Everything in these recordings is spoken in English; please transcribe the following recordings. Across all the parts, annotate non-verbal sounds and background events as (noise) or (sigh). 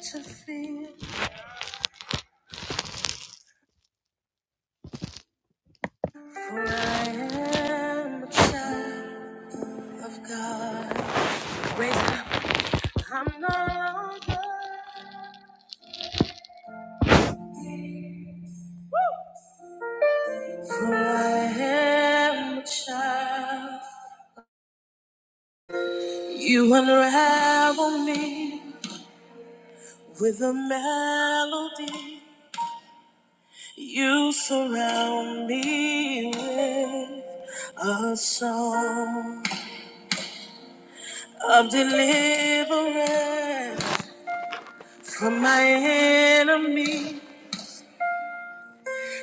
to fear, for I am a child of God. Raise up, I'm no longer, for I am a child. You unravel me with a melody. You surround me with a song of deliverance from my enemy.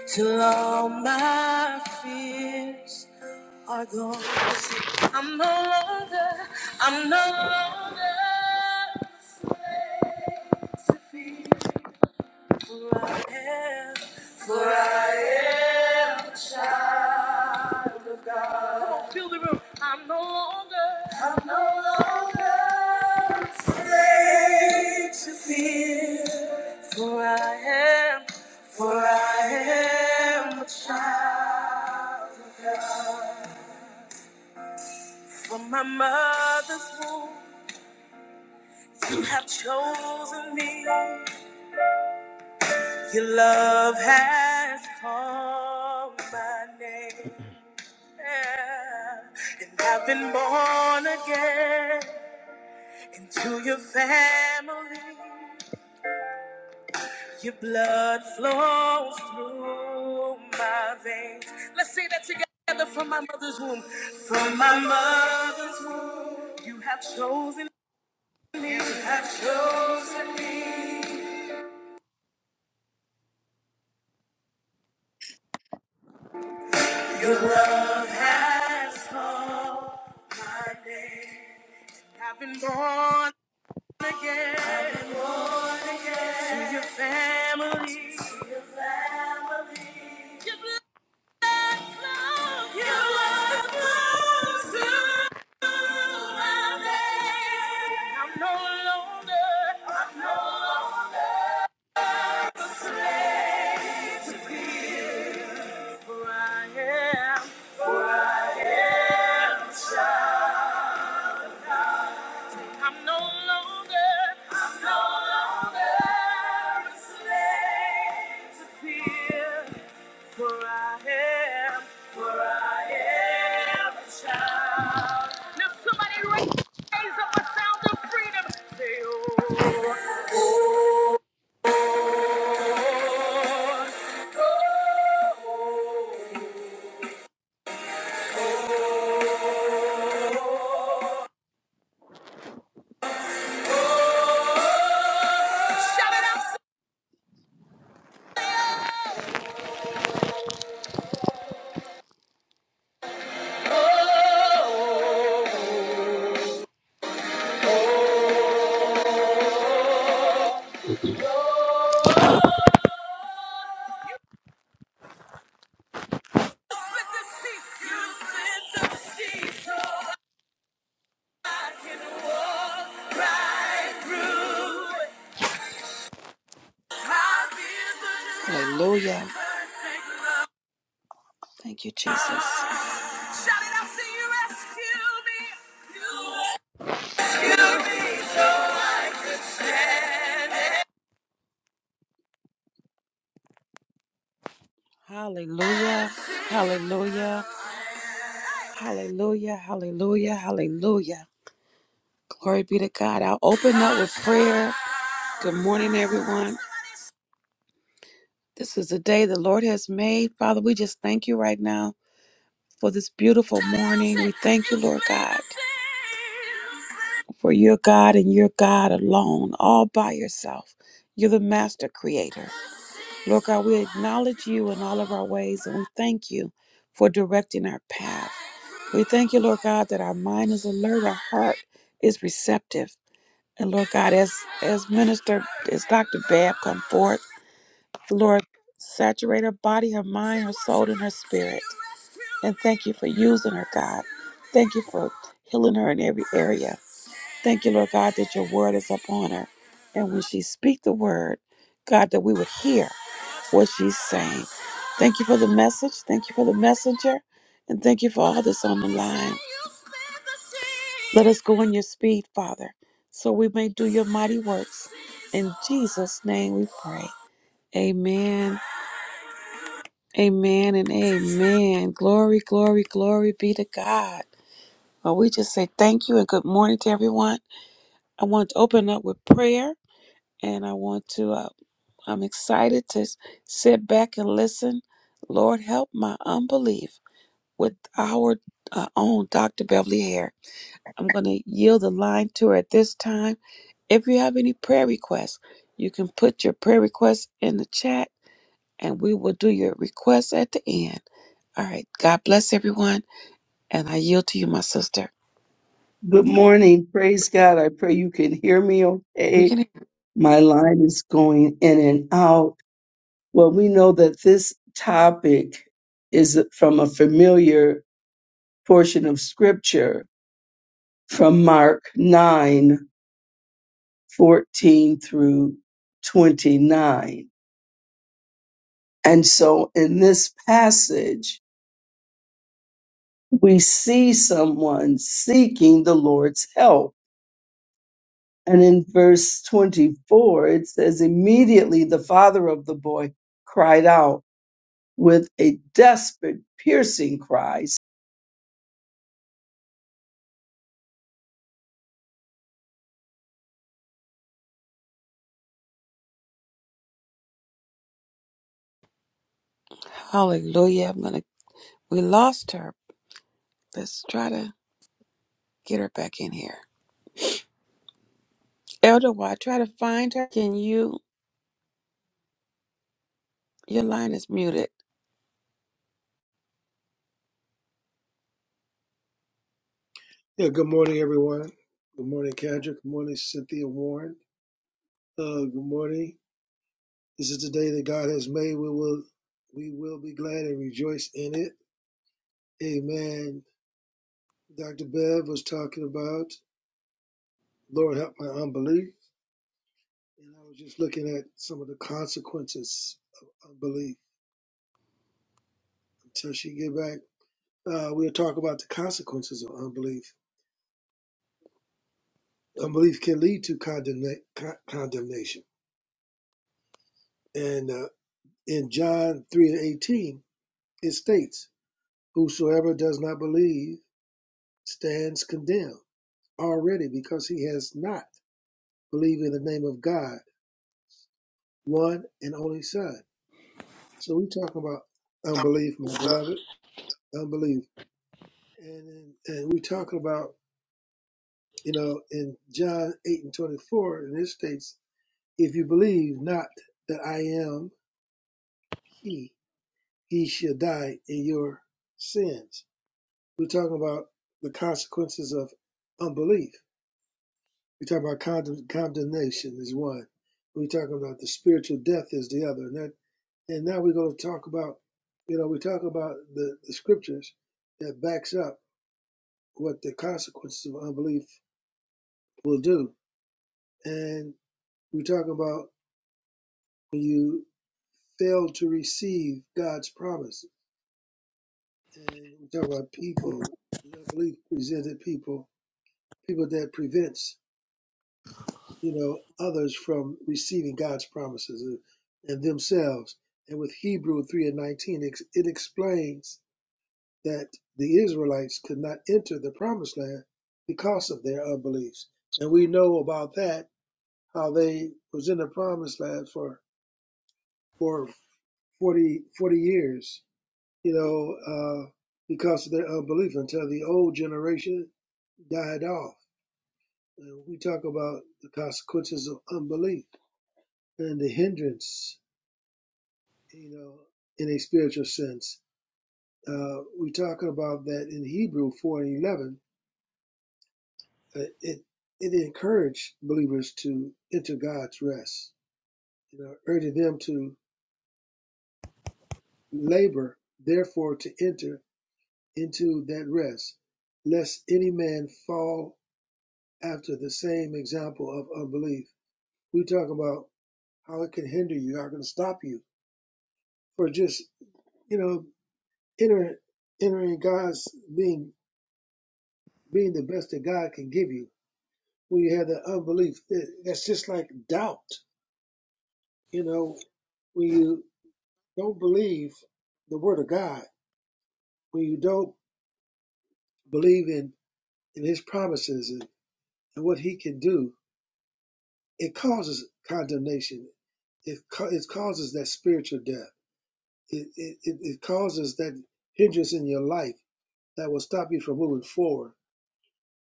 Till all my fears are gone. I'm no longer, I'm no longer slave to fear. For I am, for I am a child. Fill the room. I'm no longer. I'm no longer afraid to fear, for I am, for I am a child of God. From my mother's womb, you have chosen me. Your love has called my name, yeah. and I've been born again. Into your family, your blood flows through my veins. Let's say that together from my mother's womb. From my mother's womb, you have chosen me. You have chosen me. Your love has called my name. I've been born again. I've been born again. To your family. To your family. I'm no longer, I'm no longer a slave to fear. For I am, for I am a child. Now somebody raise, raise up a sound of freedom. Say, oh, oh. oh. Shout it out. Say, oh, oh. Split the sea. You split the sea so right through. I feel the love. Hallelujah. Thank you, Jesus. Shout it out. Say, you rescue me. You Hallelujah. Hallelujah. Hallelujah. Hallelujah. Hallelujah. Glory be to God. I'll open up with prayer. Good morning, everyone. This is the day the Lord has made. Father, we just thank you right now for this beautiful morning. We thank you, Lord God, for your God and your God alone, all by yourself. You're the master creator. Lord God, we acknowledge you in all of our ways and we thank you for directing our path. We thank you, Lord God, that our mind is alert, our heart is receptive. And Lord God, as as minister, as Dr. Bab come forth, Lord, saturate her body, her mind, her soul, and her spirit. And thank you for using her, God. Thank you for healing her in every area. Thank you, Lord God, that your word is upon her. And when she speak the word, God, that we would hear what she's saying. Thank you for the message. Thank you for the messenger. And thank you for all that's on the line. Let us go in your speed, Father, so we may do your mighty works. In Jesus' name we pray. Amen. Amen and amen. Glory, glory, glory be to God. Well, we just say thank you and good morning to everyone. I want to open up with prayer. and I want to. Uh, I'm excited to s- sit back and listen. Lord, help my unbelief with our uh, own Dr. Beverly Hare. I'm going to yield the line to her at this time. If you have any prayer requests, you can put your prayer requests in the chat and we will do your requests at the end. All right. God bless everyone. And I yield to you, my sister. Good morning. Praise God. I pray you can hear me We okay. can My line is going in and out. Well, we know that this topic is from a familiar portion of scripture from Mark 9 14 through 29. And so in this passage, we see someone seeking the Lord's help And in verse 24, it says, Immediately the father of the boy cried out with a desperate, piercing cry. hallelujah. I'm going to, we lost her. Let's try to get her back in here. Elder, why try to find her, can you? Your line is muted. Yeah, good morning, everyone. Good morning, Kendra. Good morning, Cynthia Warren. Uh, good morning. This is the day that God has made. We will, we will be glad and rejoice in it. Amen. Dr. Bev was talking about, Lord, help my unbelief. And I was just looking at some of the consequences of unbelief until she get back. Uh, we'll talk about the consequences of unbelief. Unbelief can lead to condemna- con- condemnation. And uh, in John 3 and 18, it states, Whosoever does not believe stands condemned already because he has not believed in the name of God, one and only Son. So we're talking about unbelief, my beloved, unbelief. And, and we're talking about, you know, in John 8 and 24, and it states, if you believe not that I am he, ye shall die in your sins. We're talking about the consequences of unbelief We talk about condemn, condemnation is one. We talk about the spiritual death is the other. And that, and now we're going to talk about, you know, we talk about the, the scriptures that backs up what the consequences of unbelief will do. And we talk about when you fail to receive God's promise. And we talk about people, the unbelief presented people, people that prevents. you know, others from receiving God's promises and and themselves. And with Hebrew 3 and 19, it it explains that the Israelites could not enter the promised land because of their unbeliefs. And we know about that, how they was in the promised land for, for 40 40 years, you know, uh, because of their unbelief until the old generation died off. And we talk about the consequences of unbelief and the hindrance you know, in a spiritual sense. Uh, we're talking about that in Hebrew 4 and 11. Uh, it, it encouraged believers to enter God's rest, you know, urging them to labor, therefore, to enter into that rest, lest any man fall after the same example of unbelief. We talk about how it can hinder you, how it can stop you for just, you know, entering, entering God's being, being the best that God can give you when you have that unbelief. That- That's just like doubt. You know, when you don't believe the word of God, when you don't believe in, in his promises and, and what he can do, it causes condemnation. It, ca- it causes that spiritual death. It, it, it it causes that hindrance in your life that will stop you from moving forward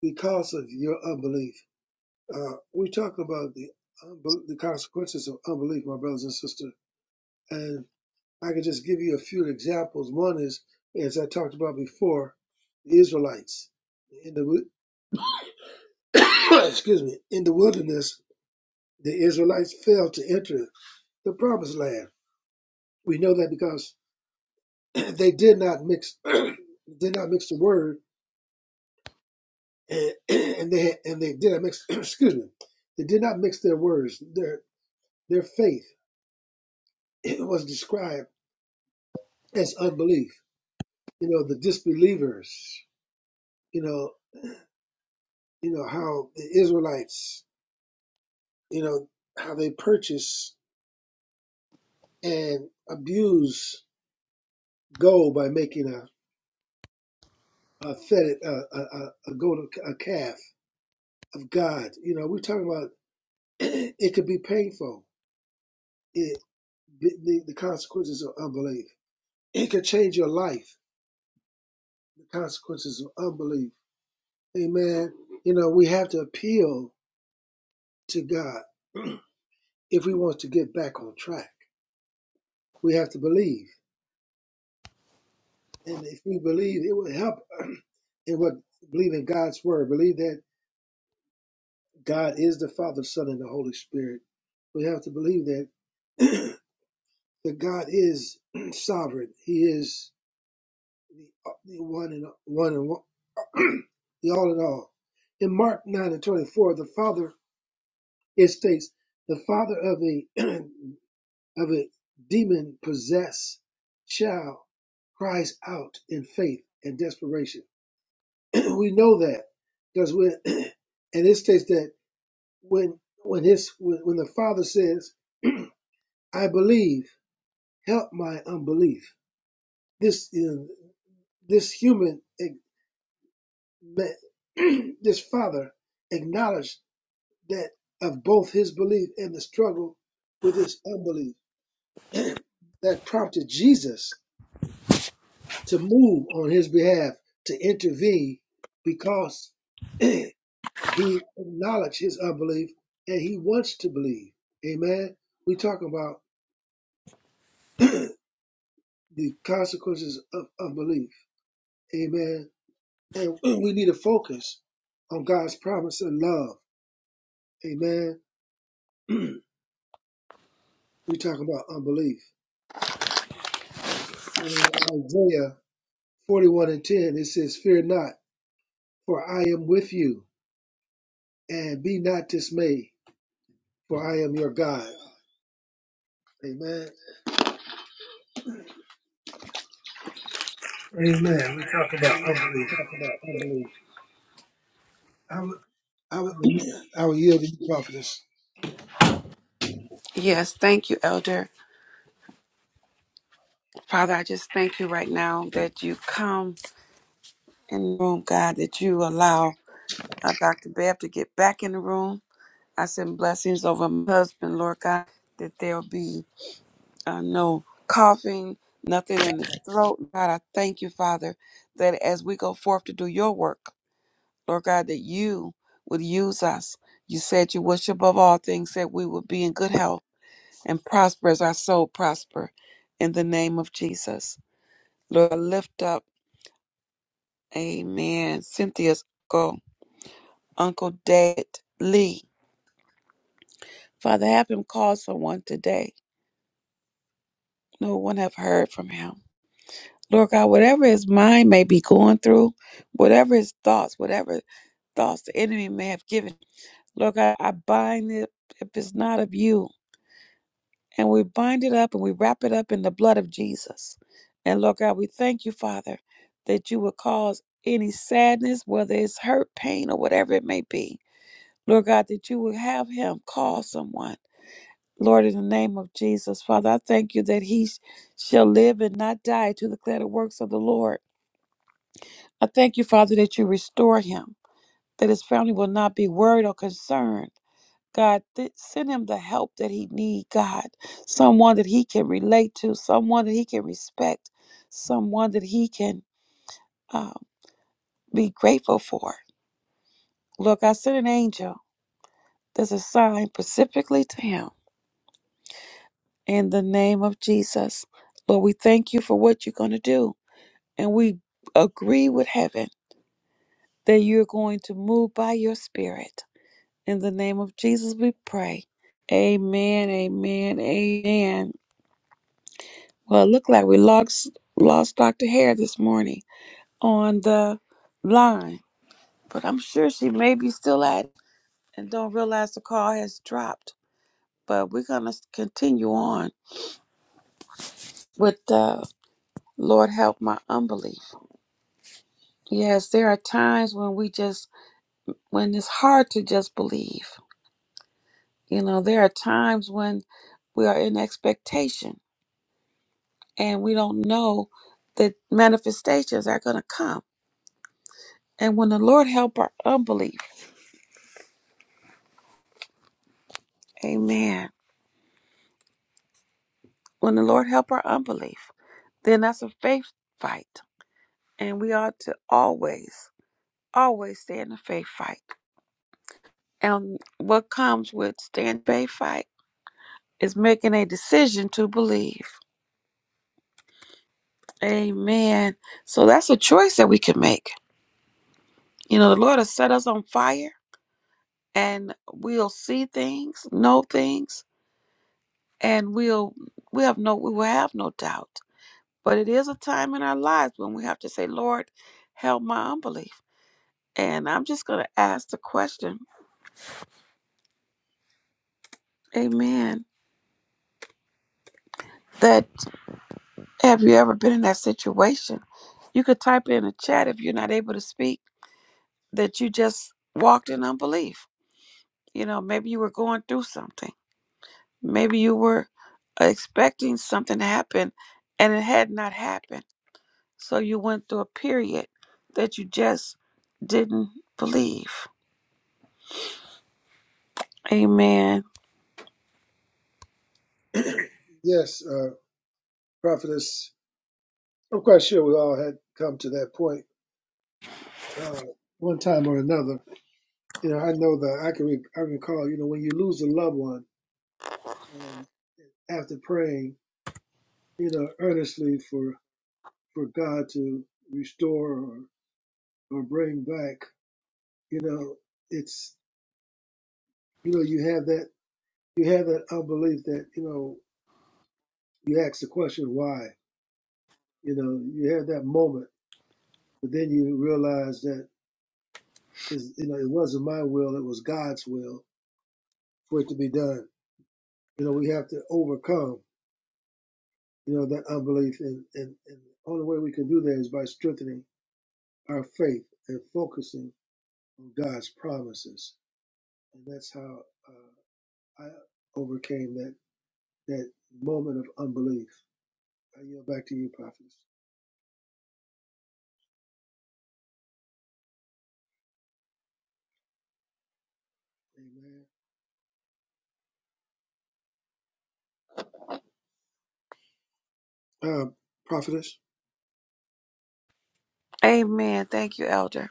because of your unbelief. Uh, we talk about the, unbe- the consequences of unbelief, my brothers and sisters. and. I could just give you a few examples. One is, as I talked about before, the Israelites in the (coughs) excuse me in the wilderness. The Israelites failed to enter the promised land. We know that because (coughs) they did not mix (coughs) did not mix the word (coughs) and, and they and they did not mix (coughs) excuse me they did not mix their words their their faith it was described as unbelief. You know the disbelievers. You know you know how the Israelites you know, how they purchase and abuse gold by making a a fetid a a, a, a gold a calf of God. You know, we're talking about (clears throat) it could be painful. It the, the consequences of unbelief. It could change your life. The consequences of unbelief. Amen. You know, we have to appeal to God (clears throat) if we want to get back on track. We have to believe, and if we believe, it will help (clears throat) in what believe in God's word. Believe that God is the Father, Son, and the Holy Spirit. We have to believe that (clears throat) that God is (clears throat) sovereign. He is the one and one and one, (clears throat) the all in all. In Mark nine and twenty four, the Father it states the father of a (clears throat) of a demon possessed child cries out in faith and desperation. (clears throat) we know that because when (clears throat) and it states that when when his when, when the father says I believe, help my unbelief. This is this human (clears throat) this father acknowledged that of both his belief and the struggle with his unbelief (clears throat) that prompted Jesus to move on his behalf to intervene because (clears throat) he acknowledged his unbelief and he wants to believe. Amen. We talk about (clears throat) the consequences of unbelief. Amen And (clears throat) we need to focus on God's promise and love. Amen. (clears throat) we talking about unbelief. And in Isaiah 41 and 10, it says, Fear not, for I am with you, and be not dismayed, for I am your God. Amen. Amen. We talk about Amen. we unbelief. talking about unbelief. i I will, (clears throat) I will yield to you, prophetess. Yes, thank you, Elder. Father, I just thank you right now that you come in the room, God, that you allow uh, Dr. Bab to get back in the room. I send blessings over my husband, Lord God, that there'll be uh, no coughing, nothing in his throat. God, I thank you, Father, that as we go forth to do your work, Lord God, that you would use us. You said you wish above all things that we would be in good health and prosper as our soul prosper in the name of Jesus. Lord, I lift up, amen, Cynthia's uncle, Uncle Dad Lee. Father, have him call someone today. No one have heard from him. Lord God, whatever his mind may be going through, whatever his thoughts, whatever thoughts the enemy may have given, Lord God, I bind it if it's not of you. and we bind it up and we wrap it up in the blood of Jesus. And Lord God, we thank you, Father, that you will cause any sadness, whether it's hurt, pain, or whatever it may be. Lord God, that you will have him call someone. Lord, in the name of Jesus, Father, I thank you that he sh- shall live and not die to declare the works of the Lord. I thank you, Father, that you restore him, that his family will not be worried or concerned God, th- send him the help that he need, God. Someone that he can relate to, someone that he can respect, someone that he can uh, be grateful for. Look, I sent an angel that's assigned specifically to him in the name of Jesus. Lord, we thank you for what you're going to do. And we agree with heaven that you're going to move by your spirit. In the name of Jesus, we pray. Amen, amen, amen. Well, it looked like we lost lost Dr. Hare this morning on the line, but I'm sure she may be still at it and don't realize the call has dropped. But we're gonna continue on with the Lord help my unbelief. Yes, there are times when we just when it's hard to just believe. You know, there are times when we are in expectation and we don't know that manifestations are gonna come. And when the Lord help our unbelief, Amen. When the Lord help our unbelief, then that's a faith fight. And we ought to always, always stay in the faith fight. And what comes with stand faith fight is making a decision to believe. Amen. So that's a choice that we can make. You know, the Lord has set us on fire and we'll see things, know things, and we'll we have no we will have no doubt. But it is a time in our lives when we have to say, Lord, help my unbelief. And I'm just going to ask the question, amen, that have you ever been in that situation? You could type it in the chat if you're not able to speak, that you just walked in unbelief. You know, maybe you were going through something. Maybe you were expecting something to happen and it had not happened. So you went through a period that you just didn't believe. Amen. (clears throat) yes, uh, prophetess. I'm quite sure we all had come to that point uh, one time or another You know, I know that I can. Re- I recall, you know, when you lose a loved one, and after praying, you know, earnestly for for God to restore or or bring back, you know, it's you know you have that you have that unbelief that you know you ask the question why, you know, you have that moment, but then you realize that is you know it wasn't my will, it was God's will for it to be done. You know, we have to overcome. you know, that unbelief. And, and, and the only way we can do that is by strengthening our faith and focusing on God's promises. And that's how uh, I overcame that, that moment of unbelief. I yield back to you, prophetess. Amen. Um, prophetess, Amen. Thank you, Elder.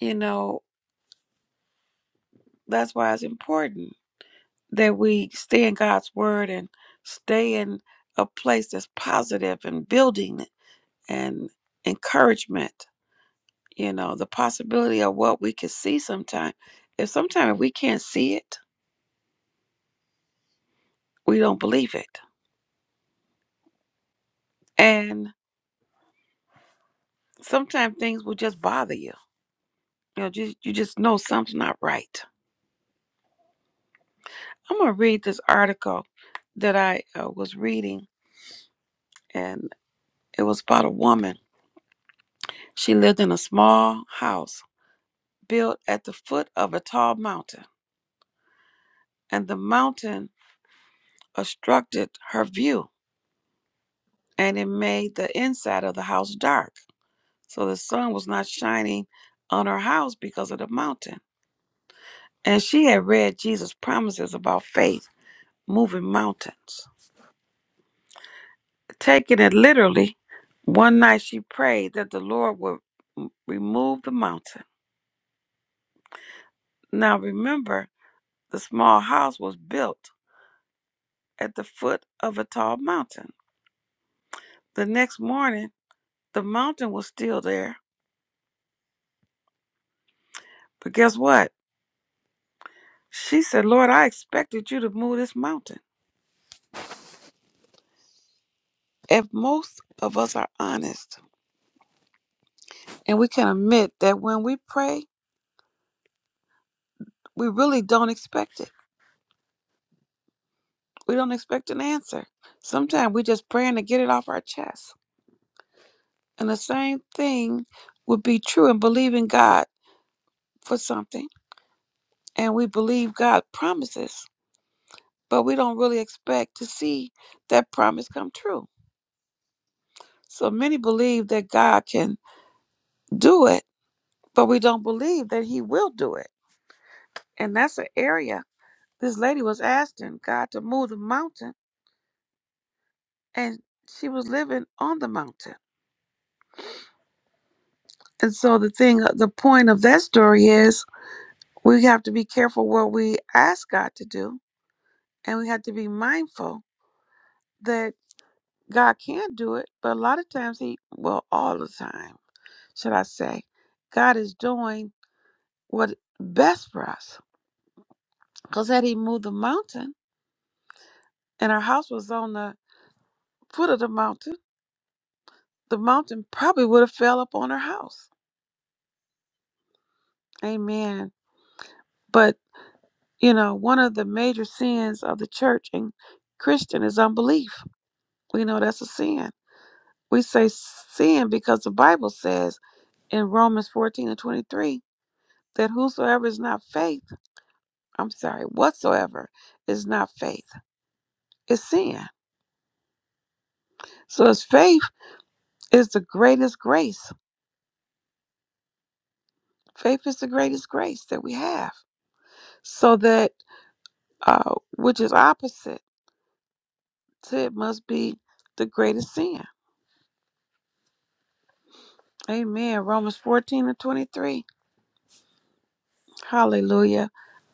You know, that's why it's important that we stay in God's word and stay in a place that's positive and building and encouragement. You know, the possibility of what we can see sometimes. If sometimes we can't see it, we don't believe it. And sometimes things will just bother you. You know, just, you just know something's not right. I'm going to read this article that I uh, was reading, and it was about a woman. She lived in a small house built at the foot of a tall mountain. and the mountain obstructed her view, and it made the inside of the house dark. So the sun was not shining on her house because of the mountain. And she had read Jesus' promises about faith moving mountains. Taking it literally, one night she prayed that the Lord would remove the mountain. Now remember, the small house was built at the foot of a tall mountain. The next morning, the mountain was still there, but guess what? She said, Lord, I expected you to move this mountain. If most of us are honest and we can admit that when we pray, we really don't expect it, we don't expect an answer. Sometimes we just praying to get it off our chest. And the same thing would be true in believing God for something. And we believe God promises, but we don't really expect to see that promise come true. So many believe that God can do it, but we don't believe that He will do it. And that's an area this lady was asking God to move the mountain, and she was living on the mountain. And so the thing, uh, the point of that story is we have to be careful what we ask God to do, and we have to be mindful that God can do it, but a lot of times He, well, all the time, should I say, God is doing what's best for us. Because had He moved the mountain and our house was on the foot of the mountain, the mountain probably would have fell upon her house Amen. But, you know, one of the major sins of the church and Christian is unbelief. We know that's a sin. We say sin because the Bible says in Romans 14 and 23 that whosoever is not faith, I'm sorry, whatsoever is not faith, is sin. So as faith is the greatest grace. Faith is the greatest grace that we have. So that, uh, which is opposite to it must be the greatest sin. Amen. Romans 14 and 23. Hallelujah.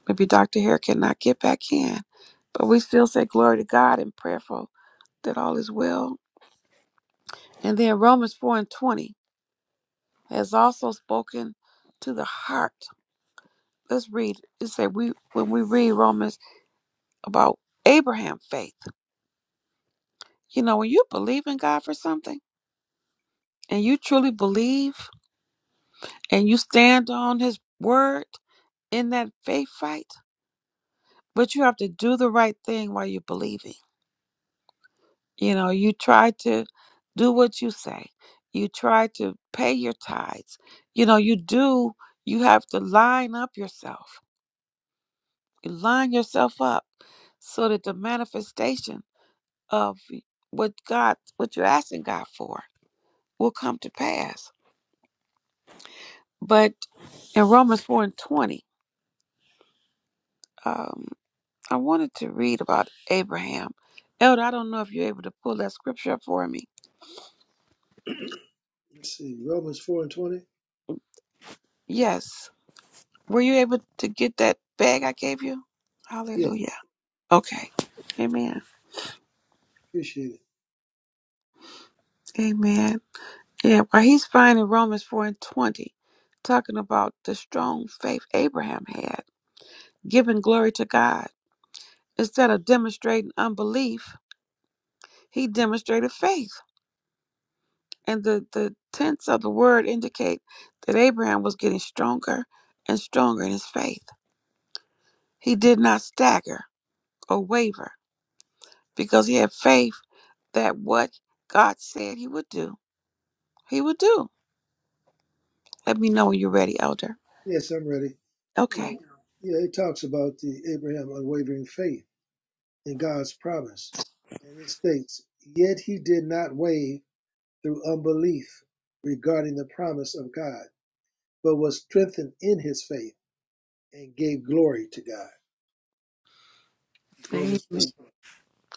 Maybe Dr. Hare cannot get back in, but we still say glory to God and prayerful that all is well. And then Romans 4 and 20 has also spoken to the heart. Let's read. It said we when we read Romans about Abraham faith. You know, when you believe in God for something and you truly believe and you stand on his word in that faith fight, but you have to do the right thing while you believe it You know, you try to do what you say. You try to pay your tithes. You know, you do, you have to line up yourself. You line yourself up so that the manifestation of what God, what you're asking God for will come to pass. But in Romans 4 and 20, um, I wanted to read about Abraham. Elder, I don't know if you're able to pull that scripture up for me. let's see, Romans 4 and 20. Yes. Were you able to get that bag I gave you? Yeah, Hallelujah. Okay. Amen. appreciate it. Amen. Yeah, well, he's finding Romans 4 and 20, talking about the strong faith Abraham had, giving glory to God. Instead of demonstrating unbelief, he demonstrated faith. And the, the tense of the word indicate that Abraham was getting stronger and stronger in his faith. He did not stagger or waver because he had faith that what God said he would do He will do. Let me know when you're ready, Elder. Yes, I'm ready. You Okay. know, yeah, it talks about the Abraham unwavering faith in God's promise. And it states, yet he did not wave through unbelief regarding the promise of God, but was strengthened in his faith and gave glory to God. Amen. Romans 4.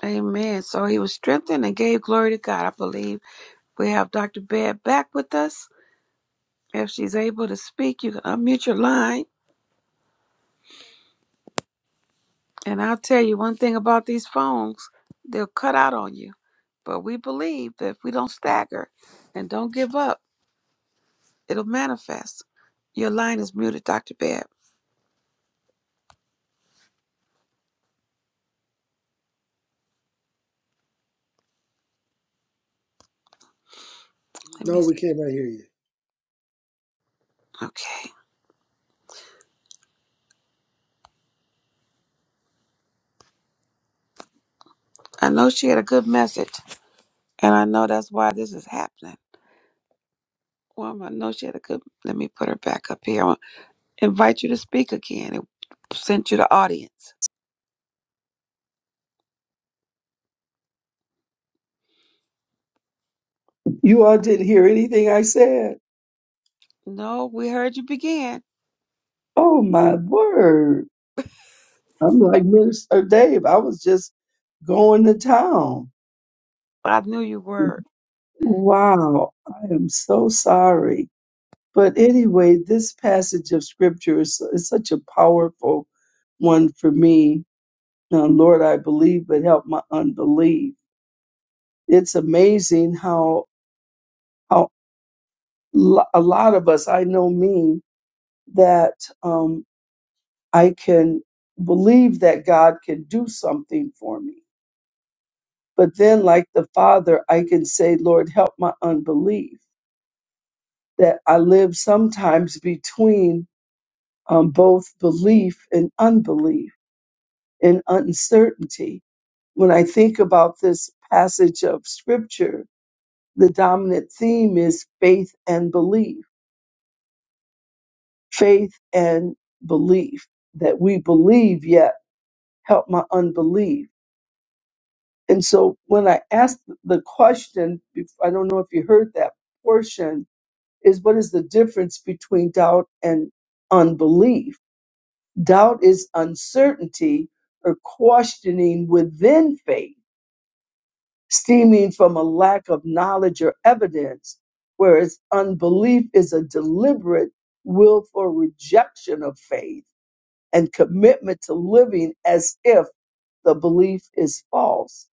Amen. So he was strengthened and gave glory to God. I believe we have Dr. Baird back with us. If she's able to speak, you can unmute your line. And I'll tell you one thing about these phones, they'll cut out on you. But we believe that if we don't stagger and don't give up, it'll manifest. Your line is muted, Dr. Baird. Let me. No, we cannot hear you. Okay. I know she had a good message, and I know that's why this is happening. Well, I know she had a good. Let me put her back up here. I want to invite you to speak again. It sent you the audience. You all didn't hear anything I said. No, we heard you begin, Oh, my word. I'm like Minister Dave. I was just going to town. but I knew you were. Wow. I am so sorry. But anyway, this passage of scripture is, is such a powerful one for me. Now, Lord, I believe, but help my unbelief it's amazing how how lo- a lot of us i know me that um, i can believe that god can do something for me but then like the father i can say lord help my unbelief that i live sometimes between um, both belief and unbelief and uncertainty when i think about this passage of scripture the dominant theme is faith and belief faith and belief that we believe yet help my unbelief and so when i asked the question i don't know if you heard that portion is what is the difference between doubt and unbelief doubt is uncertainty or questioning within faith stemming from a lack of knowledge or evidence whereas unbelief is a deliberate willful rejection of faith and commitment to living as if the belief is false.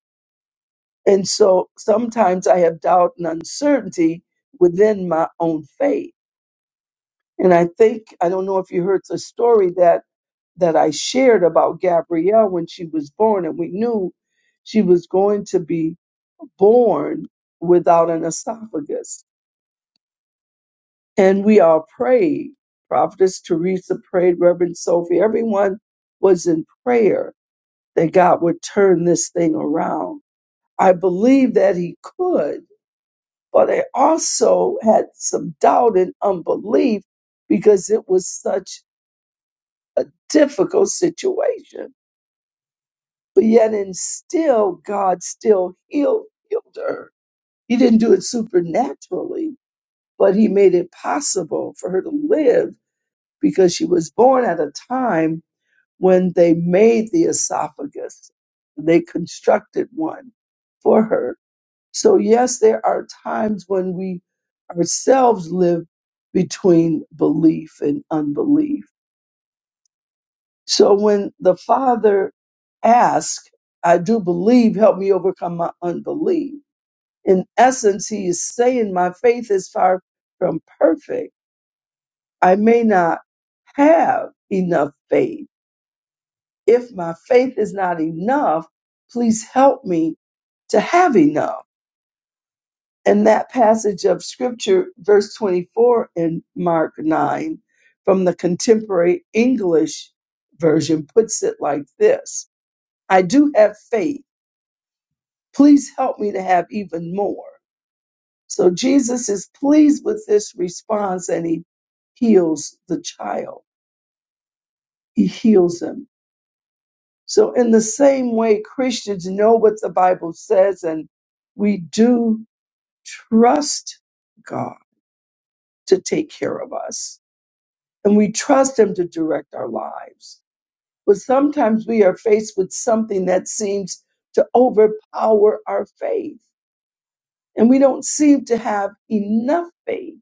And so sometimes I have doubt and uncertainty within my own faith. And I think, I don't know if you heard the story that, that I shared about Gabrielle when she was born, and we knew she was going to be born without an esophagus. And we all prayed. Prophetess Teresa prayed, Reverend Sophie, everyone was in prayer that God would turn this thing around. I believed that He could, but I also had some doubt and unbelief because it was such a difficult situation. But yet, and still, God still healed, healed her. He didn't do it supernaturally, but He made it possible for her to live because she was born at a time when they made the esophagus, they constructed one for her So, yes, there are times when we ourselves live between belief and unbelief. So, when the Father asks, I do believe, help me overcome my unbelief, in essence, He is saying, My faith is far from perfect. I may not have enough faith. If my faith is not enough, please help me to have enough. And that passage of scripture, verse 24 in Mark 9, from the contemporary English version, puts it like this I do have faith. Please help me to have even more. So Jesus is pleased with this response and he heals the child, he heals him. So, in the same way, Christians know what the Bible says and we do trust God to take care of us and we trust Him to direct our lives. But sometimes we are faced with something that seems to overpower our faith, and we don't seem to have enough faith.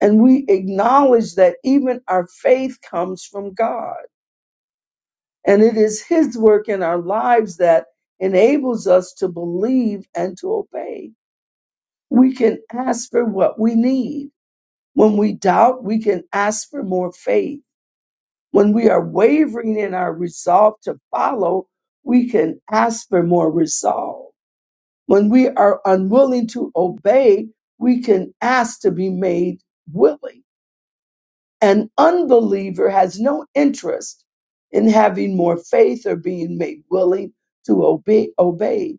And we acknowledge that even our faith comes from God, and it is His work in our lives that enables us to believe and to obey. We can ask for what we need. When we doubt, we can ask for more faith When we are wavering in our resolve to follow, we can ask for more resolve. When we are unwilling to obey, we can ask to be made willing. An unbeliever has no interest in having more faith or being made willing to obey, obey.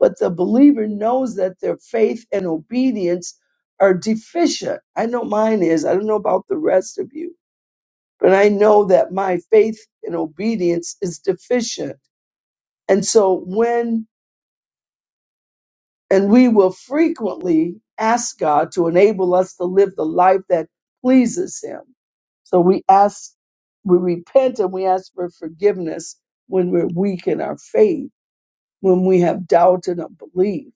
But the believer knows that their faith and obedience are deficient. I know mine is. I don't know about the rest of you but I know that my faith and obedience is deficient. And so when, and we will frequently ask God to enable us to live the life that pleases Him. So we ask, we repent and we ask for forgiveness when we're weak in our faith, when we have doubt and unbelief.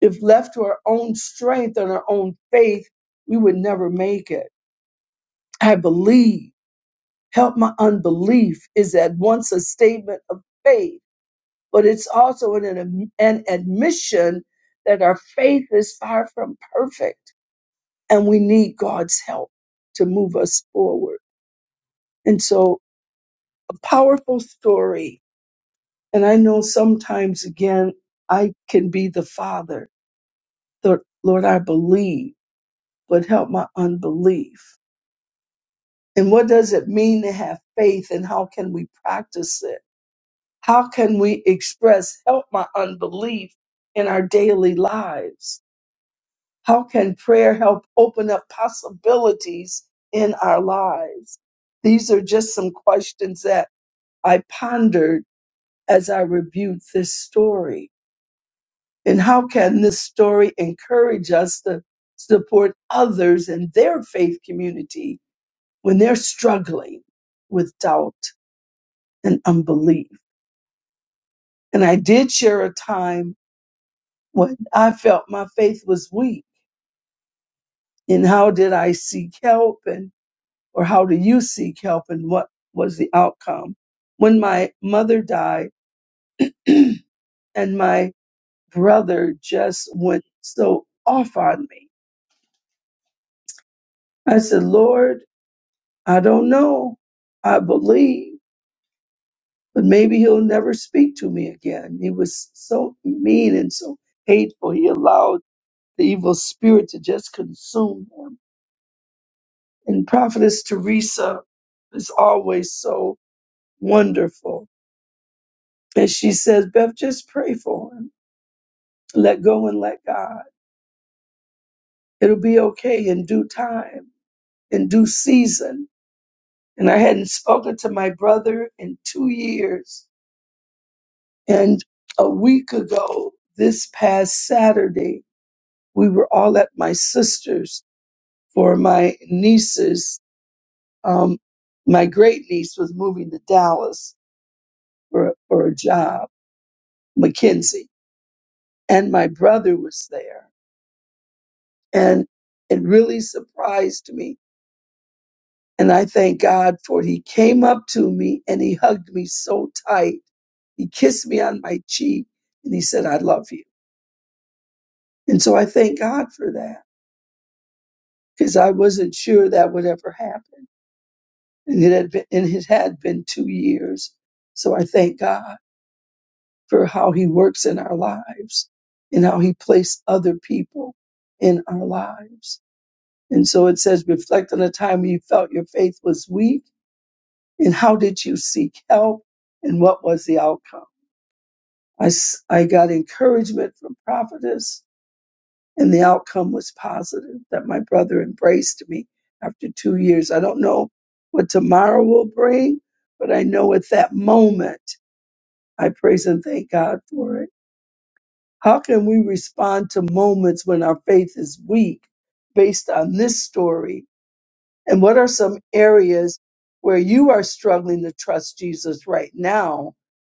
If left to our own strength and our own faith, we would never make it. I believe, help my unbelief is at once a statement of faith but it's also an, an an admission that our faith is far from perfect and we need God's help to move us forward. And so, a powerful story. And I know sometimes, again, I can be the father. The, Lord, I believe, but help my unbelief. And what does it mean to have faith and how can we practice it? How can we express help my unbelief in our daily lives? How can prayer help open up possibilities in our lives? These are just some questions that I pondered as I reviewed this story. And how can this story encourage us to support others in their faith community when they're struggling with doubt and unbelief? And I did share a time when I felt my faith was weak. And how did I seek help? And or how do you seek help and what was the outcome? When my mother died (clears throat) and my brother just went so off on me, I said, Lord, I don't know. I believe, but maybe he'll never speak to me again. He was so mean and so hateful. He allowed the evil spirit to just consume him. And Prophetess Teresa is always so wonderful. And she says, Beth, just pray for him Let go and let God. It'll be okay in due time, in due season. And I hadn't spoken to my brother in two years. And a week ago, this past Saturday, we were all at my sister's for my niece's. Um, my great niece was moving to Dallas for, for a job, McKinsey, and my brother was there. And it really surprised me And I thank God for it. he came up to me and he hugged me so tight. He kissed me on my cheek and he said, I love you. And so I thank God for that because I wasn't sure that would ever happen. And it had been, and it had been two years. So I thank God for how he works in our lives and how he placed other people in our lives. And so it says, reflect on the time when you felt your faith was weak and how did you seek help and what was the outcome? I, s- I got encouragement from prophetess, and the outcome was positive that my brother embraced me after two years. I don't know what tomorrow will bring, but I know at that moment, I praise and thank God for it. How can we respond to moments when our faith is weak based on this story? And what are some areas where you are struggling to trust Jesus right now?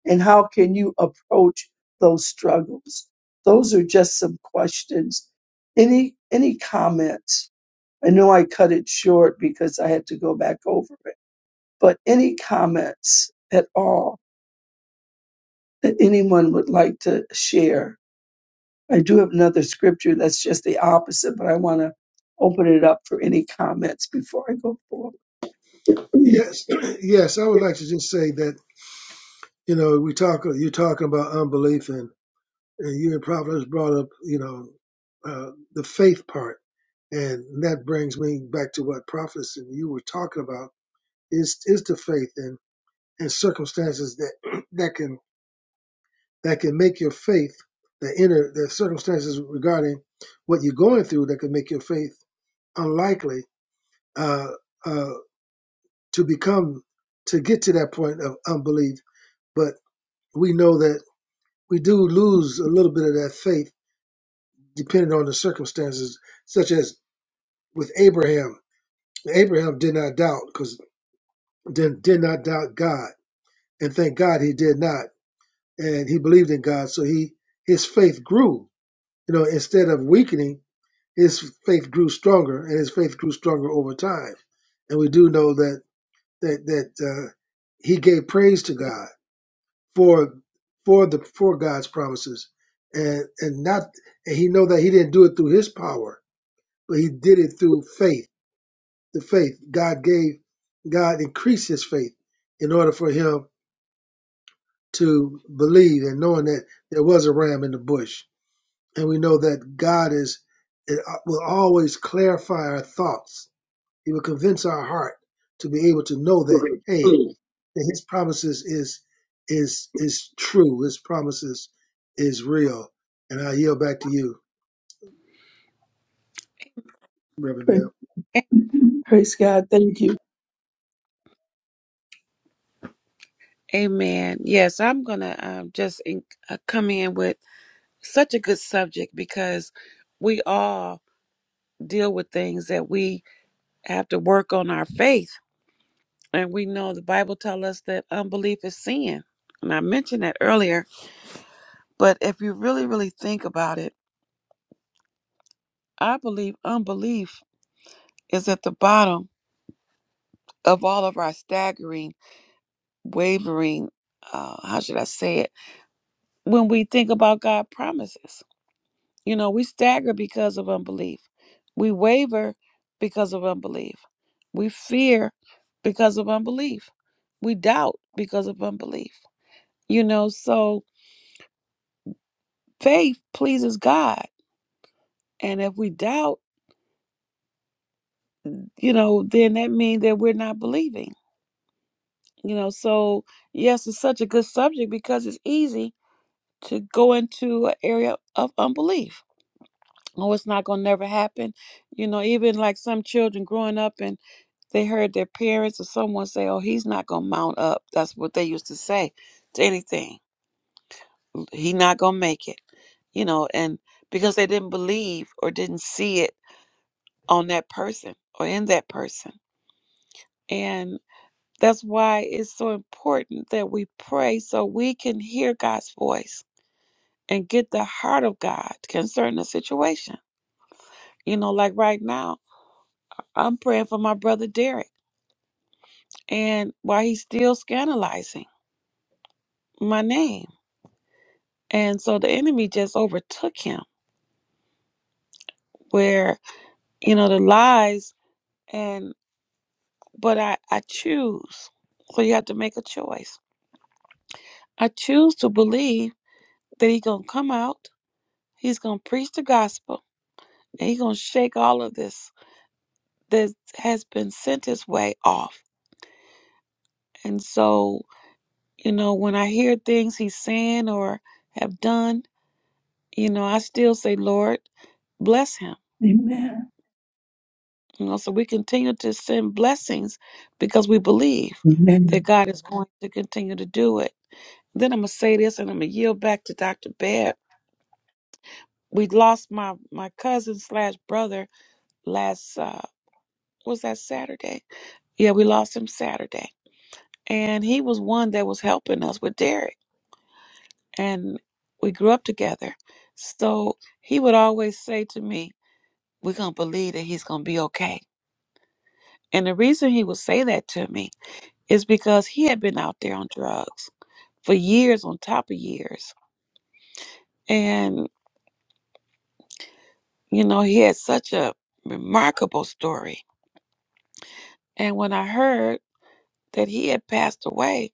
And how can you approach those struggles? Those are just some questions. Any any comments? I know I cut it short because I had to go back over it. But any comments at all that anyone would like to share? I do have another scripture that's just the opposite, but I want to open it up for any comments before I go forward. Yes, (clears throat) yes, I (clears throat) would like to just say that you know we talk you're talking about unbelief and and you and Proverbs brought up you know uh, the faith part and that brings me back to what prophets and you were talking about is is the faith and and circumstances that (clears throat) that can that can make your faith the inner the circumstances regarding what you're going through that can make your faith unlikely uh, uh, to become to get to that point of unbelief. But we know that we do lose a little bit of that faith depending on the circumstances, such as with Abraham. Abraham did not doubt because did, did not doubt God, and thank God he did not, and he believed in God, so he his faith grew. You know, instead of weakening, his faith grew stronger, and his faith grew stronger over time. And we do know that that that uh, he gave praise to God for for the for God's promises, and and not and he know that he didn't do it through his power, but he did it through faith. The faith God gave, God increased his faith in order for him to believe, and knowing that there was a ram in the bush, and we know that God is it uh, will always clarify our thoughts He will convince our heart to be able to know that, Please, hey, please. that his promises is is is true. His promises is real. And I yield back to you, Reverend Praise, Bell. praise God. Thank you. Amen. Yes, I'm gonna um, just in, uh, come in with such a good subject because we all deal with things that we have to work on our faith, and we know the Bible tells us that unbelief is sin, and I mentioned that earlier. But if you really, really think about it, I believe unbelief is at the bottom of all of our staggering, wavering, uh, how should I say it? When we think about God promises, you know, we stagger because of unbelief. We waver because of unbelief. We fear because of unbelief. We doubt because of unbelief. You know, so faith pleases God. And if we doubt, you know, then that means that we're not believing. You know, so yes, it's such a good subject because it's easy to go into an area of unbelief. Oh, it's not gonna never happen. You know, even like some children growing up and they heard their parents or someone say, Oh, he's not gonna mount up. That's what they used to say to anything. He not gonna make it. You know, and because they didn't believe or didn't see it on that person or in that person. And that's why it's so important that we pray so we can hear God's voice and get the heart of God concerning the situation You know, like right now, I'm praying for my brother Derek and why he's still scandalizing my name. And so the enemy just overtook him where, you know, the lies and but I, I choose. So you have to make a choice. I choose to believe that he's gonna come out, he's gonna preach the gospel, and he's gonna shake all of this that has been sent his way off. And so, you know, when I hear things he's saying or have done, You know, I still say, Lord, bless him. Amen. You know, so we continue to send blessings because we believe Amen. that God is going to continue to do it. Then I'm gonna say this, and I'm gonna yield back to Dr. Babb. We lost my my cousin slash brother last uh was that Saturday? Yeah, we lost him Saturday, and he was one that was helping us with Derek, and we grew up together. So he would always say to me, "We're gonna believe that he's gonna be okay." And the reason he would say that to me is because he had been out there on drugs for years on top of years. And, you know, he had such a remarkable story. And when I heard that he had passed away,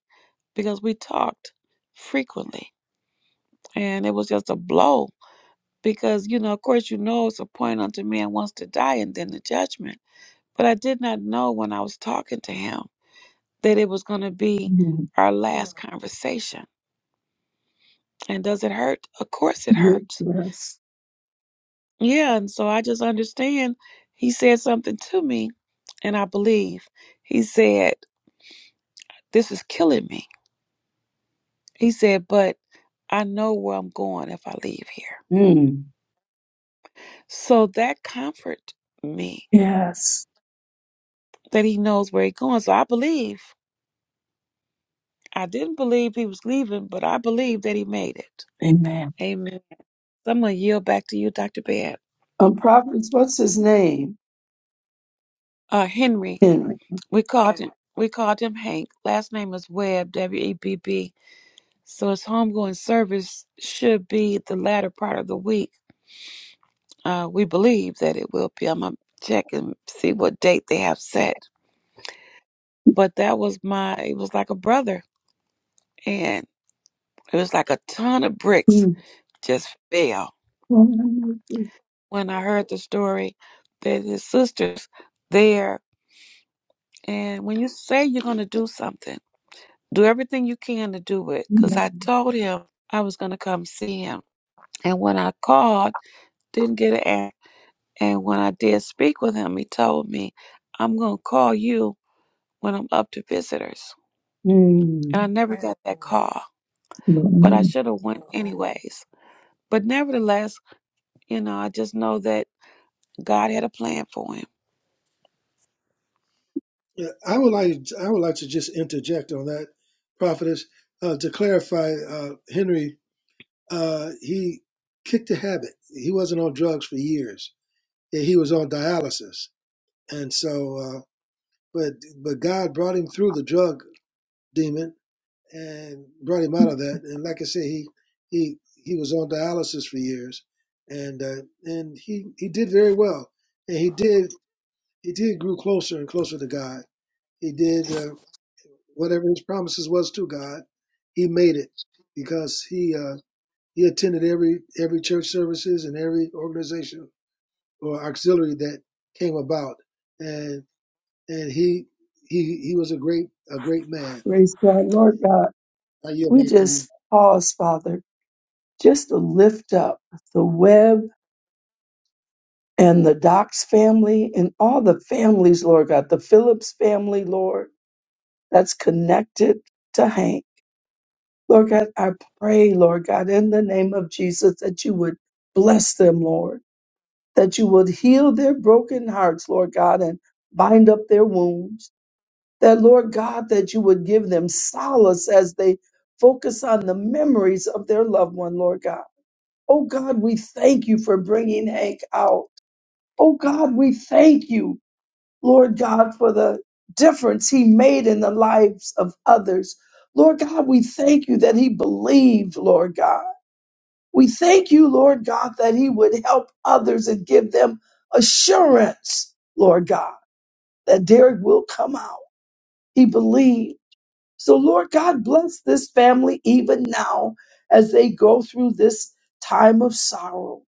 because we talked frequently, and it was just a blow. Because, you know, of course, you know, it's a point unto man wants to die and then the judgment. But I did not know when I was talking to him that it was going to be Amen. our last conversation And does it hurt? Of course it Yes, hurts. yes. Yeah. And so I just understand he said something to me and I believe he said, This is killing me. He said, But I know where I'm going if I leave here. Mm. So that comforted me Yes. that he knows where he's going. So I believe. I didn't believe he was leaving, but I believe that he made it. Amen. Amen. So I'm gonna yield back to you, Dr. Babb. Um, prophets, what's his name? Uh Henry. Henry. We called him we called him Hank. Last name is Webb, W E B B. So his homegoing service should be the latter part of the week. Uh, we believe that it will be. I'm gonna check and see what date they have set. But that was my. It was like a brother, and it was like a ton of bricks Mm. just fell Lord, I know this. when I heard the story that his sister's there. And when you say you're gonna do something, do everything you can to do it. Cause I Amen. told him I was gonna come see him, and when I called, didn't get an answer And when I did speak with him, he told me, I'm going to call you when I'm up to visitors. And Mm. I never got that call, Lord, I but I know. should have went anyways. But nevertheless, you know, I just know that God had a plan for him. Yeah, I would like I would like to just interject on that, prophetess, uh, to clarify uh, Henry. Uh, he kicked a habit. He wasn't on drugs for years. Yeah, He was on dialysis, and so, uh, but but God brought him through the drug demon and brought him out of that. And like I said, he he he was on dialysis for years, and uh, and he he did very well, and he did he did grew closer and closer to God. He did uh, whatever his promises was to God. He made it because he. Uh, He attended every every church services and every organization or auxiliary that came about, and and he he he was a great a great man. Praise God. Lord God, I yield we back to you. just pause, Father, just to lift up the web and the Docs family and all the families, Lord God, the Phillips family, Lord, that's connected to Hank. Lord God, I pray, Lord God, in the name of Jesus, that you would bless them, Lord, that you would heal their broken hearts, Lord God, and bind up their wounds. That, Lord God, that you would give them solace as they focus on the memories of their loved one, Lord God. Oh God, we thank you for bringing Hank out. Oh God, we thank you, Lord God, for the difference he made in the lives of others. Lord God, we thank you that he believed, Lord God. We thank you, Lord God, that he would help others and give them assurance, Lord God, that Derek will come out. He believed. So, Lord God, bless this family even now as they go through this time of sorrow.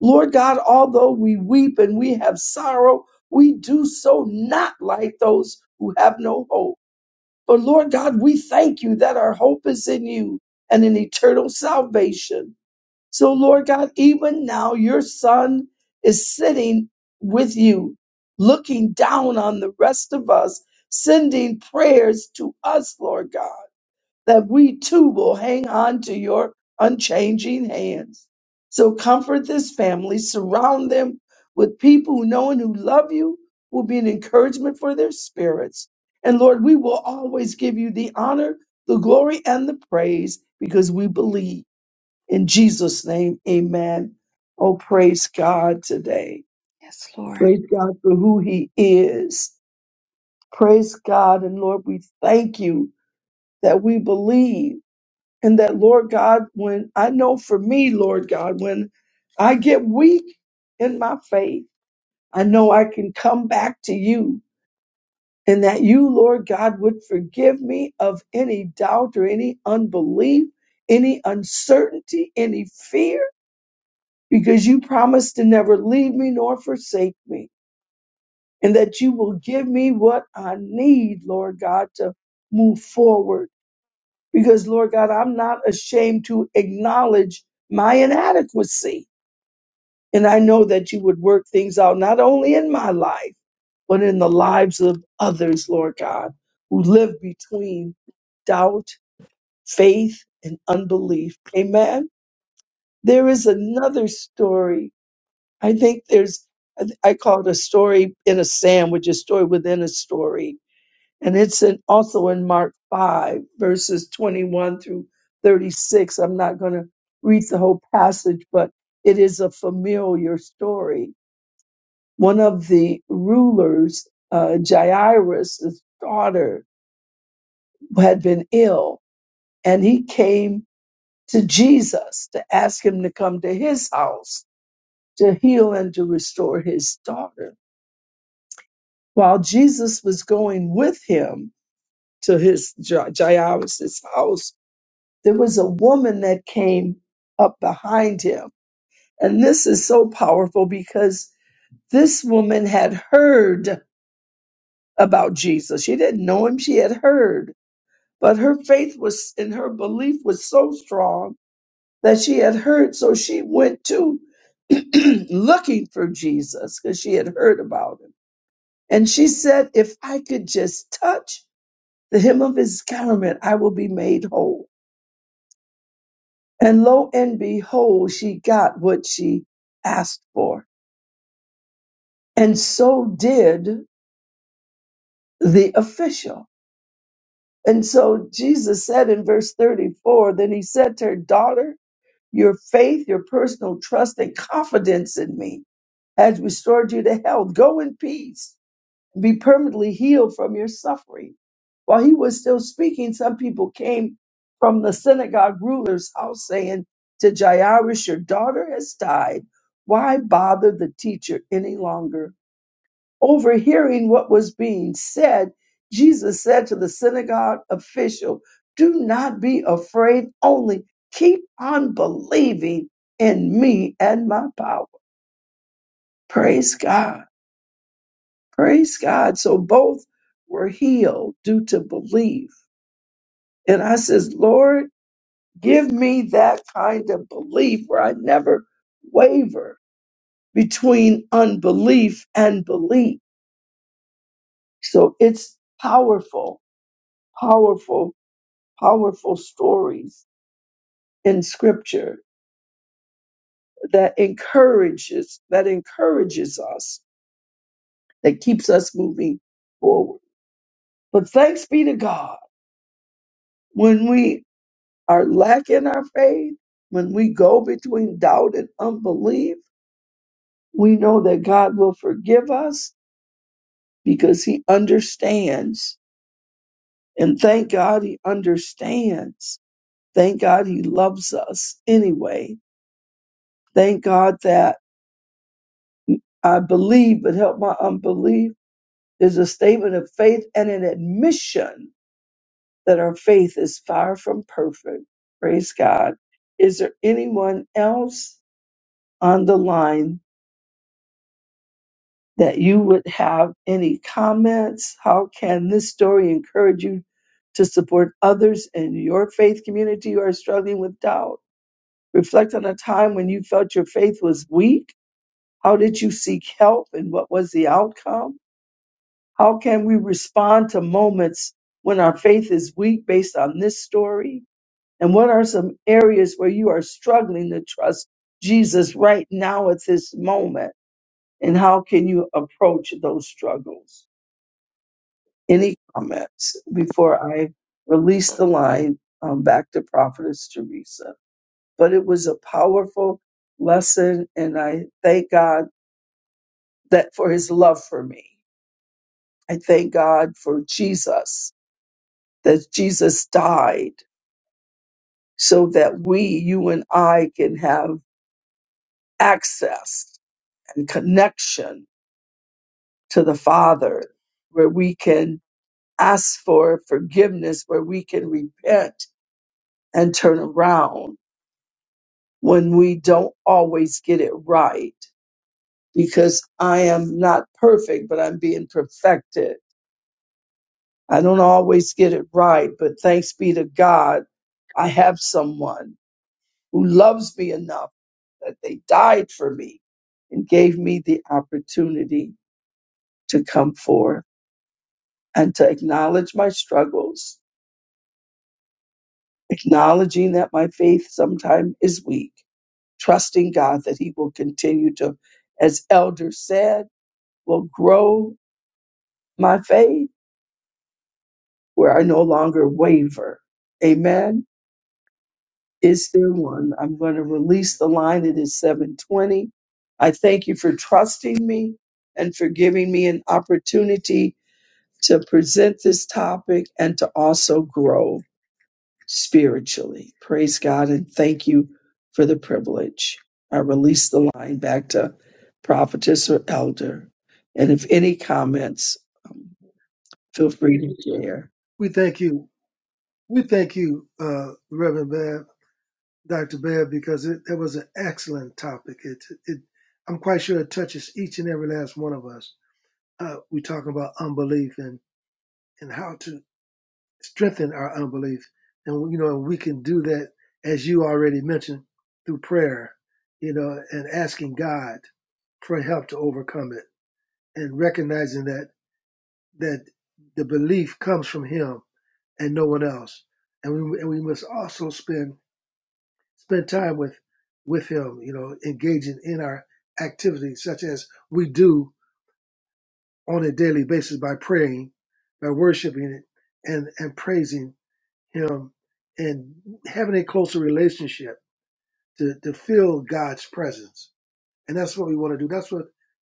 Lord God, although we weep and we have sorrow, we do so not like those who have no hope. But Lord God, we thank you that our hope is in you and in eternal salvation. So, Lord God, even now your son is sitting with you, looking down on the rest of us, sending prayers to us, Lord God, that we too will hang on to your unchanging hands. So, comfort this family, surround them with people who know and who love you, who will be an encouragement for their spirits. And Lord, we will always give you the honor, the glory, and the praise because we believe. In Jesus' name, amen. Oh, praise God today. Yes, Lord. Praise God for who He is. Praise God. And Lord, we thank you that we believe. And that, Lord God, when I know for me, Lord God, when I get weak in my faith, I know I can come back to you. And that you, Lord God, would forgive me of any doubt or any unbelief, any uncertainty, any fear. because you promised to never leave me nor forsake me, and that you will give me what I need, Lord God, to move forward. Because, Lord God, I'm not ashamed to acknowledge my inadequacy. And I know that you would work things out, not only in my life, but in the lives of others, Lord God, who live between doubt, faith, and unbelief. Amen. There is another story I think there's, I th- I call it a story in a sandwich, a story within a story. And it's in, also in Mark 5, verses 21 through 36. I'm not going to read the whole passage, but it is a familiar story. One of the rulers, uh, Jairus' daughter, had been ill, and he came to Jesus to ask him to come to his house to heal and to restore his daughter while Jesus was going with him to his Ja- Jairus' house, there was a woman that came up behind him. And this is so powerful because this woman had heard about Jesus. She didn't know him, she had heard. But her faith was and her belief was so strong that she had heard. So she went to (clears throat) looking for Jesus because she had heard about him. And she said, If I could just touch the hem of his garment, I will be made whole. And lo and behold, she got what she asked for. And so did the official. And so Jesus said in verse 34, then he said to her, daughter, your faith, your personal trust and confidence in me has restored you to health. Go in peace be permanently healed from your suffering. While he was still speaking, some people came from the synagogue ruler's house saying to Jairus, Your daughter has died. Why bother the teacher any longer? Overhearing what was being said, Jesus said to the synagogue official, Do not be afraid, only keep on believing in me and my power. Praise God. Praise God. So both were healed due to belief. And I says, Lord, give me that kind of belief where I never waver between unbelief and belief. So it's powerful, powerful, powerful stories in scripture that encourages, that encourages us, that keeps us moving forward. But thanks be to God when we are lacking our faith, when we go between doubt and unbelief, we know that God will forgive us because He understands. And thank God He understands. Thank God He loves us anyway. Thank God that I believe, but help my unbelief is a statement of faith and an admission that our faith is far from perfect. Praise God. Is there anyone else on the line that you would have any comments. How can this story encourage you to support others in your faith community who are struggling with doubt? Reflect on a time when you felt your faith was weak. How did you seek help and what was the outcome? How can we respond to moments when our faith is weak based on this story? And what are some areas where you are struggling to trust Jesus right now at this moment? And how can you approach those struggles? any comments before I release the line um, back to Prophetess Teresa. But it was a powerful lesson, and I thank God that for His love for me. I thank God for Jesus that Jesus died so that we, you and I, can have access and connection to the Father, where we can ask for forgiveness, where we can repent and turn around when we don't always get it right because I am not perfect, but I'm being perfected. I don't always get it right, but thanks be to God, I have someone who loves me enough that they died for me and gave me the opportunity to come forth and to acknowledge my struggles, acknowledging that my faith sometimes is weak, trusting God that He will continue to, as Elder said, will grow My faith, where I no longer waver. Amen. Is there one? I'm going to Amen. release the line. It is 720. I thank you for trusting me and for giving me an opportunity to present this topic and to also grow spiritually. Praise God and thank you for the privilege. I release the line back to prophetess or elder. And if any comments, feel free to share. We thank you. We thank you, uh, Reverend Bab, Doctor Bab, because it, that was an excellent topic. It it I'm quite sure it touches each and every last one of us. Uh, we talking about unbelief and and how to strengthen our unbelief. And you know, we can do that as you already mentioned through prayer, you know, and asking God for help to overcome it and recognizing that that the belief comes from him and no one else. And we and we must also spend spend time with with him, you know, engaging in our activities such as we do on a daily basis by praying, by worshiping it and, and praising him and having a closer relationship to, to feel God's presence. And that's what we want to do. That's what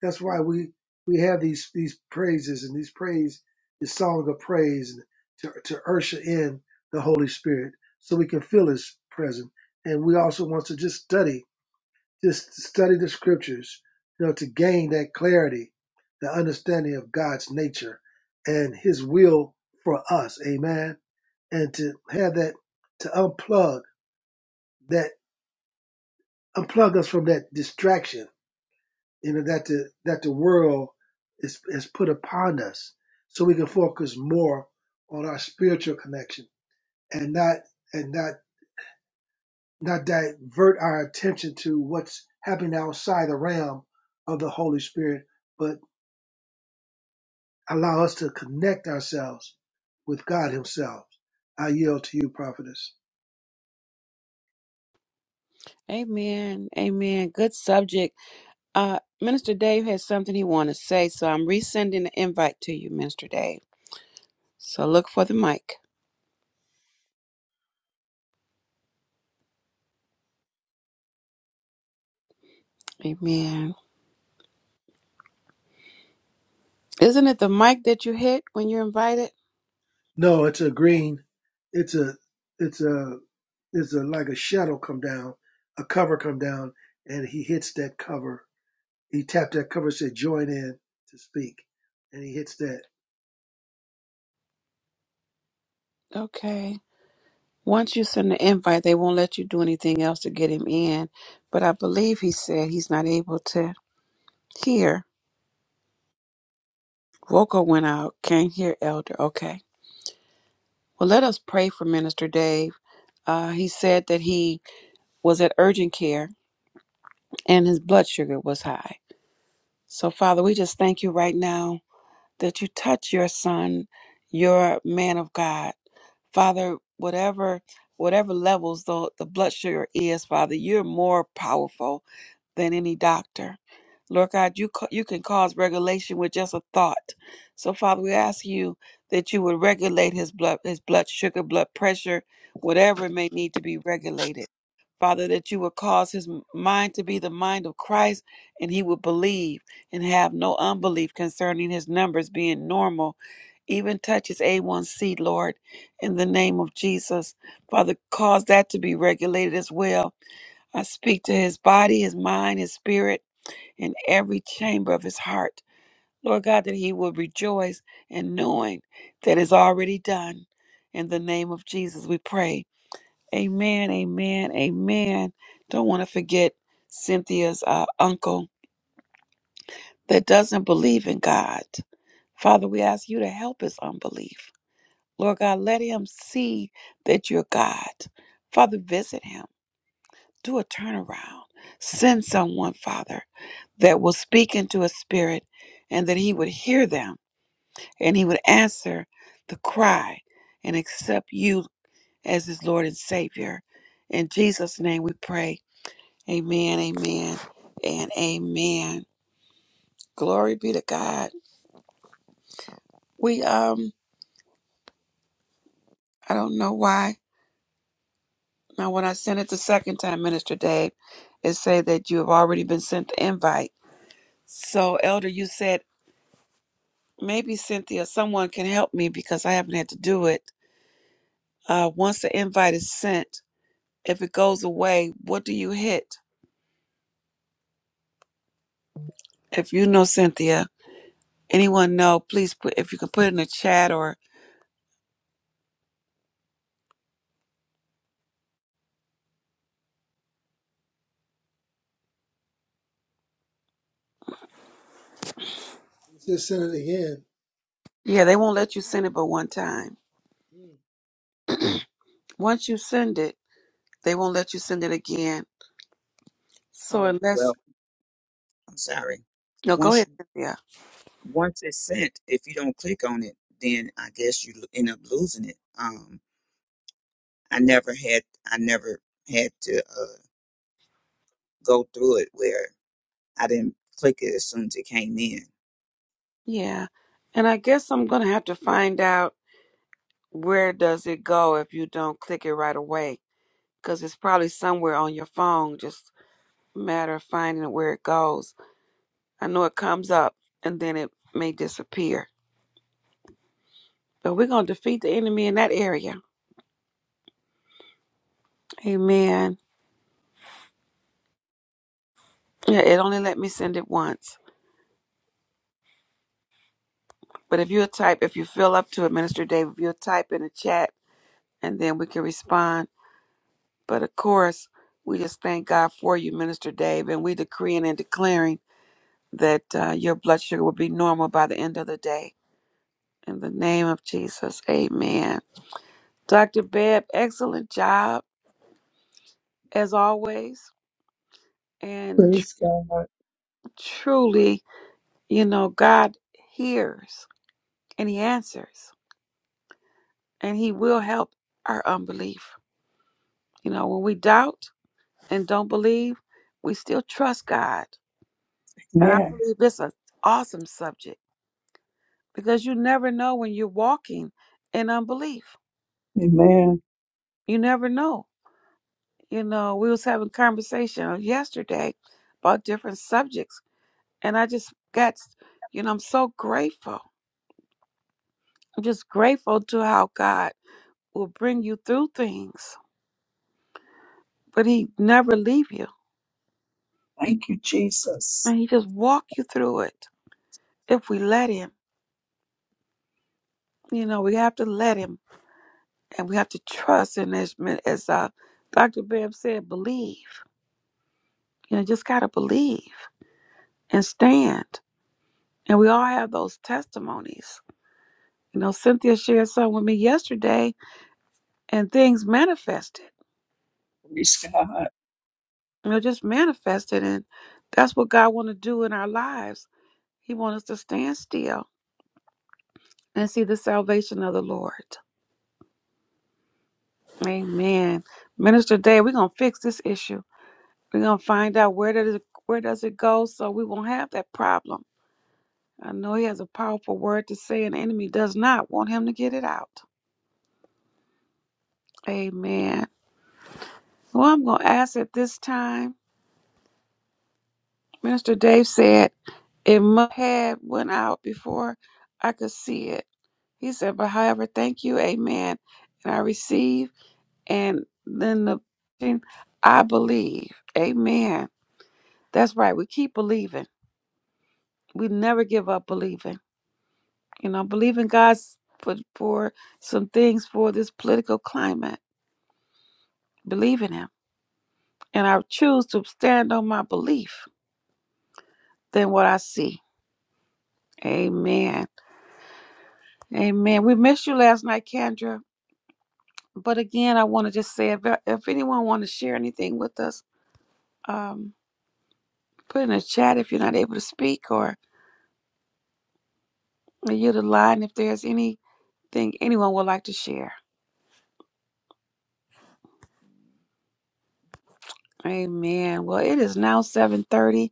that's why we we have these these praises and these praise this song of praise to to usher in the Holy Spirit so we can feel his presence. And we also want to just study, just study the scriptures, you know, to gain that clarity, the understanding of God's nature and his will for us. Amen and to have that to unplug that unplug us from that distraction you know that the that the world is is put upon us so we can focus more on our spiritual connection and not and not not divert our attention to what's happening outside the realm of the Holy Spirit, but allow us to connect ourselves with God Himself. I yield to you, prophetess. Amen. Amen. Good subject. Uh, Minister Dave has something he want to say, so I'm resending the invite to you, Minister Dave. So look for the mic. Amen. Isn't it the mic that you hit when you're invited? No, it's a green. It's a it's a it's a like a shadow come down, a cover come down, and he hits that cover. He tapped that cover, said join in to speak, and he hits that. Okay. Once you send the invite, they won't let you do anything else to get him in. But I believe he said he's not able to hear. Vocal went out, can't hear Elder. Okay. Well, let us pray for Minister Dave. Uh, he said that he was at urgent care and his blood sugar was high. So, Father, we just thank you right now that you touch your son, your man of God. Father, whatever whatever levels the, the blood sugar is, Father, you're more powerful than any doctor. Lord God, you ca- you can cause regulation with just a thought. So Father, we ask you that you would regulate his blood his blood sugar, blood pressure, whatever may need to be regulated. Father, that you would cause his mind to be the mind of Christ and he would believe and have no unbelief concerning his numbers being normal. Even touch his A1C, Lord, in the name of Jesus. Father, cause that to be regulated as well. I speak to his body, his mind, his spirit, and every chamber of his heart. Lord God, that he will rejoice in knowing that is already done. In the name of Jesus, we pray. Amen, amen, amen. Don't want to forget Cynthia's uh, uncle that doesn't believe in God. Father, we ask you to help his unbelief. Lord God, let him see that you're God. Father, visit him. Do a turnaround. Send someone, Father, that will speak into his spirit and that he would hear them and he would answer the cry and accept you as his Lord and Savior. In Jesus' name we pray. Amen, amen, and amen. Glory be to God. We um, I don't know why. Now, when I sent it the second time, Minister Dave, it say that you have already been sent the invite. So, Elder, you said maybe Cynthia, someone can help me because I haven't had to do it. Uh, once the invite is sent, if it goes away, what do you hit? If you know Cynthia, anyone know? Please put if you can put it in the chat or Let's just send it again. yeah, they won't let you send it but one time. Mm, Once you send it. They won't let you send it again. So Oh, unless well, I'm sorry. no, go Once ahead, you, Cynthia. once it's sent, if you don't click on it, then I guess you lo- end up losing it. Um, I never had, I never had to uh, go through it where I didn't click it as soon as it came in. Yeah. And I guess I'm gonna have to find out where does it go if you don't click it right away. Because it's probably somewhere on your phone, just a matter of finding where it goes. I know it comes up and then it may disappear. But we're gonna defeat the enemy in that area. Amen. Yeah, it only let me send it once. But if you type, if you feel up to it, Minister Dave, if you type in the chat and then we can respond But of course, we just thank God for you, Minister Dave, and we decreeing and declaring that uh, your blood sugar will be normal by the end of the day. In the name of Jesus, amen. Dr. Bebb, excellent job as always. And tr- Praise God. truly, you know, God hears and He answers and He will help our unbelief. You know, when we doubt and don't believe, we still trust God. And I Man. believe this is an awesome subject because you never know when you're walking in unbelief. Amen. You never know. You know, we was having conversation yesterday about different subjects, and I just got, you know, I'm so grateful. I'm just grateful to how God will bring you through things, but He never leave you, Thank you, Jesus. and He just walk you through it if we let Him. You know, we have to let Him, and we have to trust. And as as uh, Dr. Bibb said, believe. You know, just gotta believe and stand And we all have those testimonies. You know, Cynthia shared some with me yesterday, and things manifested. Praise God. You know, just manifested, and that's what God want to do in our lives. He wants us to stand still and see the salvation of the Lord. Amen. Minister Day, we're gonna fix this issue. We're gonna find out where does it, where does it go, so we won't have that problem. I know he has a powerful word to say, and the enemy does not want him to get it out. Amen. Well, I'm gonna ask at this time. Minister Dave said it must have went out before I could see it. He said, but however, thank you, amen. And I receive, and then the thing, I believe, amen. That's right. We keep believing. We never give up believing. You know, believing God's for for some things for this political climate. Believe in Him, and I choose to stand on my belief than what I see. Amen. Amen. We missed you last night, Kendra. but again, I want to just say if, if anyone want to share anything with us, um, put in the chat if you're not able to speak or yield the line if there's anything anyone would like to share. Amen. Well, it is now 7:30.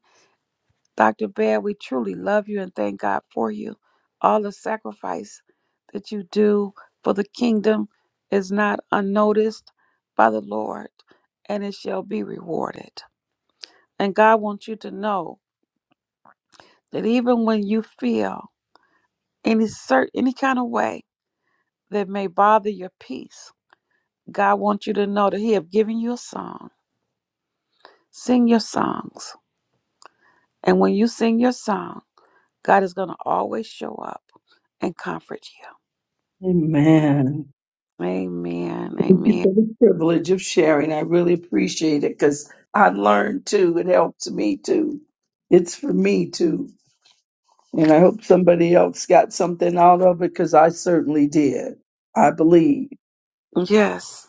Dr. Baird, we truly love you and thank God for you. All the sacrifice that you do for the kingdom is not unnoticed by the Lord, and it shall be rewarded. And God wants you to know that even when you feel any cert any kind of way that may bother your peace god wants you to know that he have given you a song sing your songs and when you sing your song god is going to always show up and comfort you Amen. amen Thank you amen for the privilege of sharing. I really appreciate it because I learned too. It helps me too. It's for me too. And I hope somebody else got something out of it because I certainly did. I believe. yes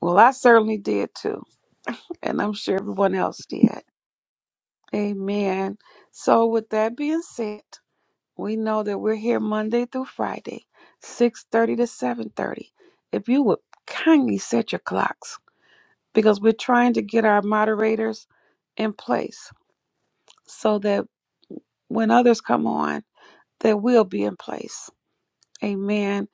well i certainly did too and i'm sure everyone else did amen so with that being said we know that we're here monday through friday 6.30 to 7.30 if you would kindly set your clocks because we're trying to get our moderators in place so that when others come on, they will be in place. Amen.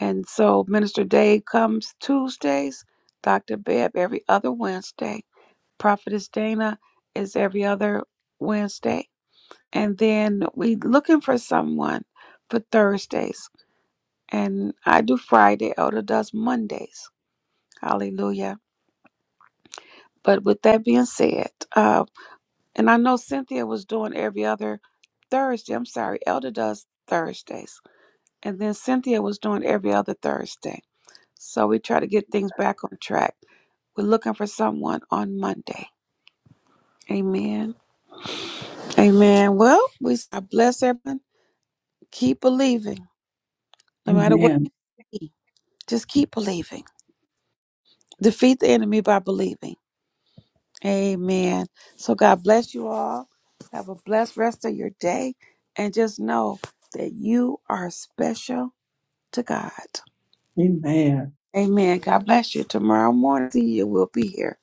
And so Minister Day comes Tuesdays, Dr. Beb every other Wednesday, Prophetess Dana is every other Wednesday. And then we looking for someone for Thursdays. And I do Friday, Elder does Mondays. Hallelujah. But with that being said, uh, And I know Cynthia was doing every other Thursday. I'm sorry, Elder does Thursdays. And then Cynthia was doing every other Thursday. So we try to get things back on track. We're looking for someone on Monday. Amen. Amen. Well, we I bless everyone. Keep believing, no matter what. Amen. you need. Just keep believing. Defeat the enemy by believing. Amen. So God bless you all. Have a blessed rest of your day. And just know that you are special to God. Amen. Amen. Amen. God bless you. Tomorrow morning, see you. We'll be here.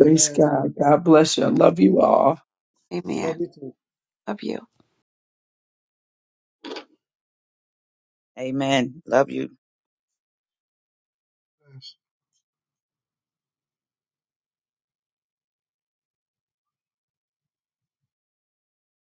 Praise Amen. God. God bless you. I love you all. We love Amen. you too. Love you. Amen. Love you.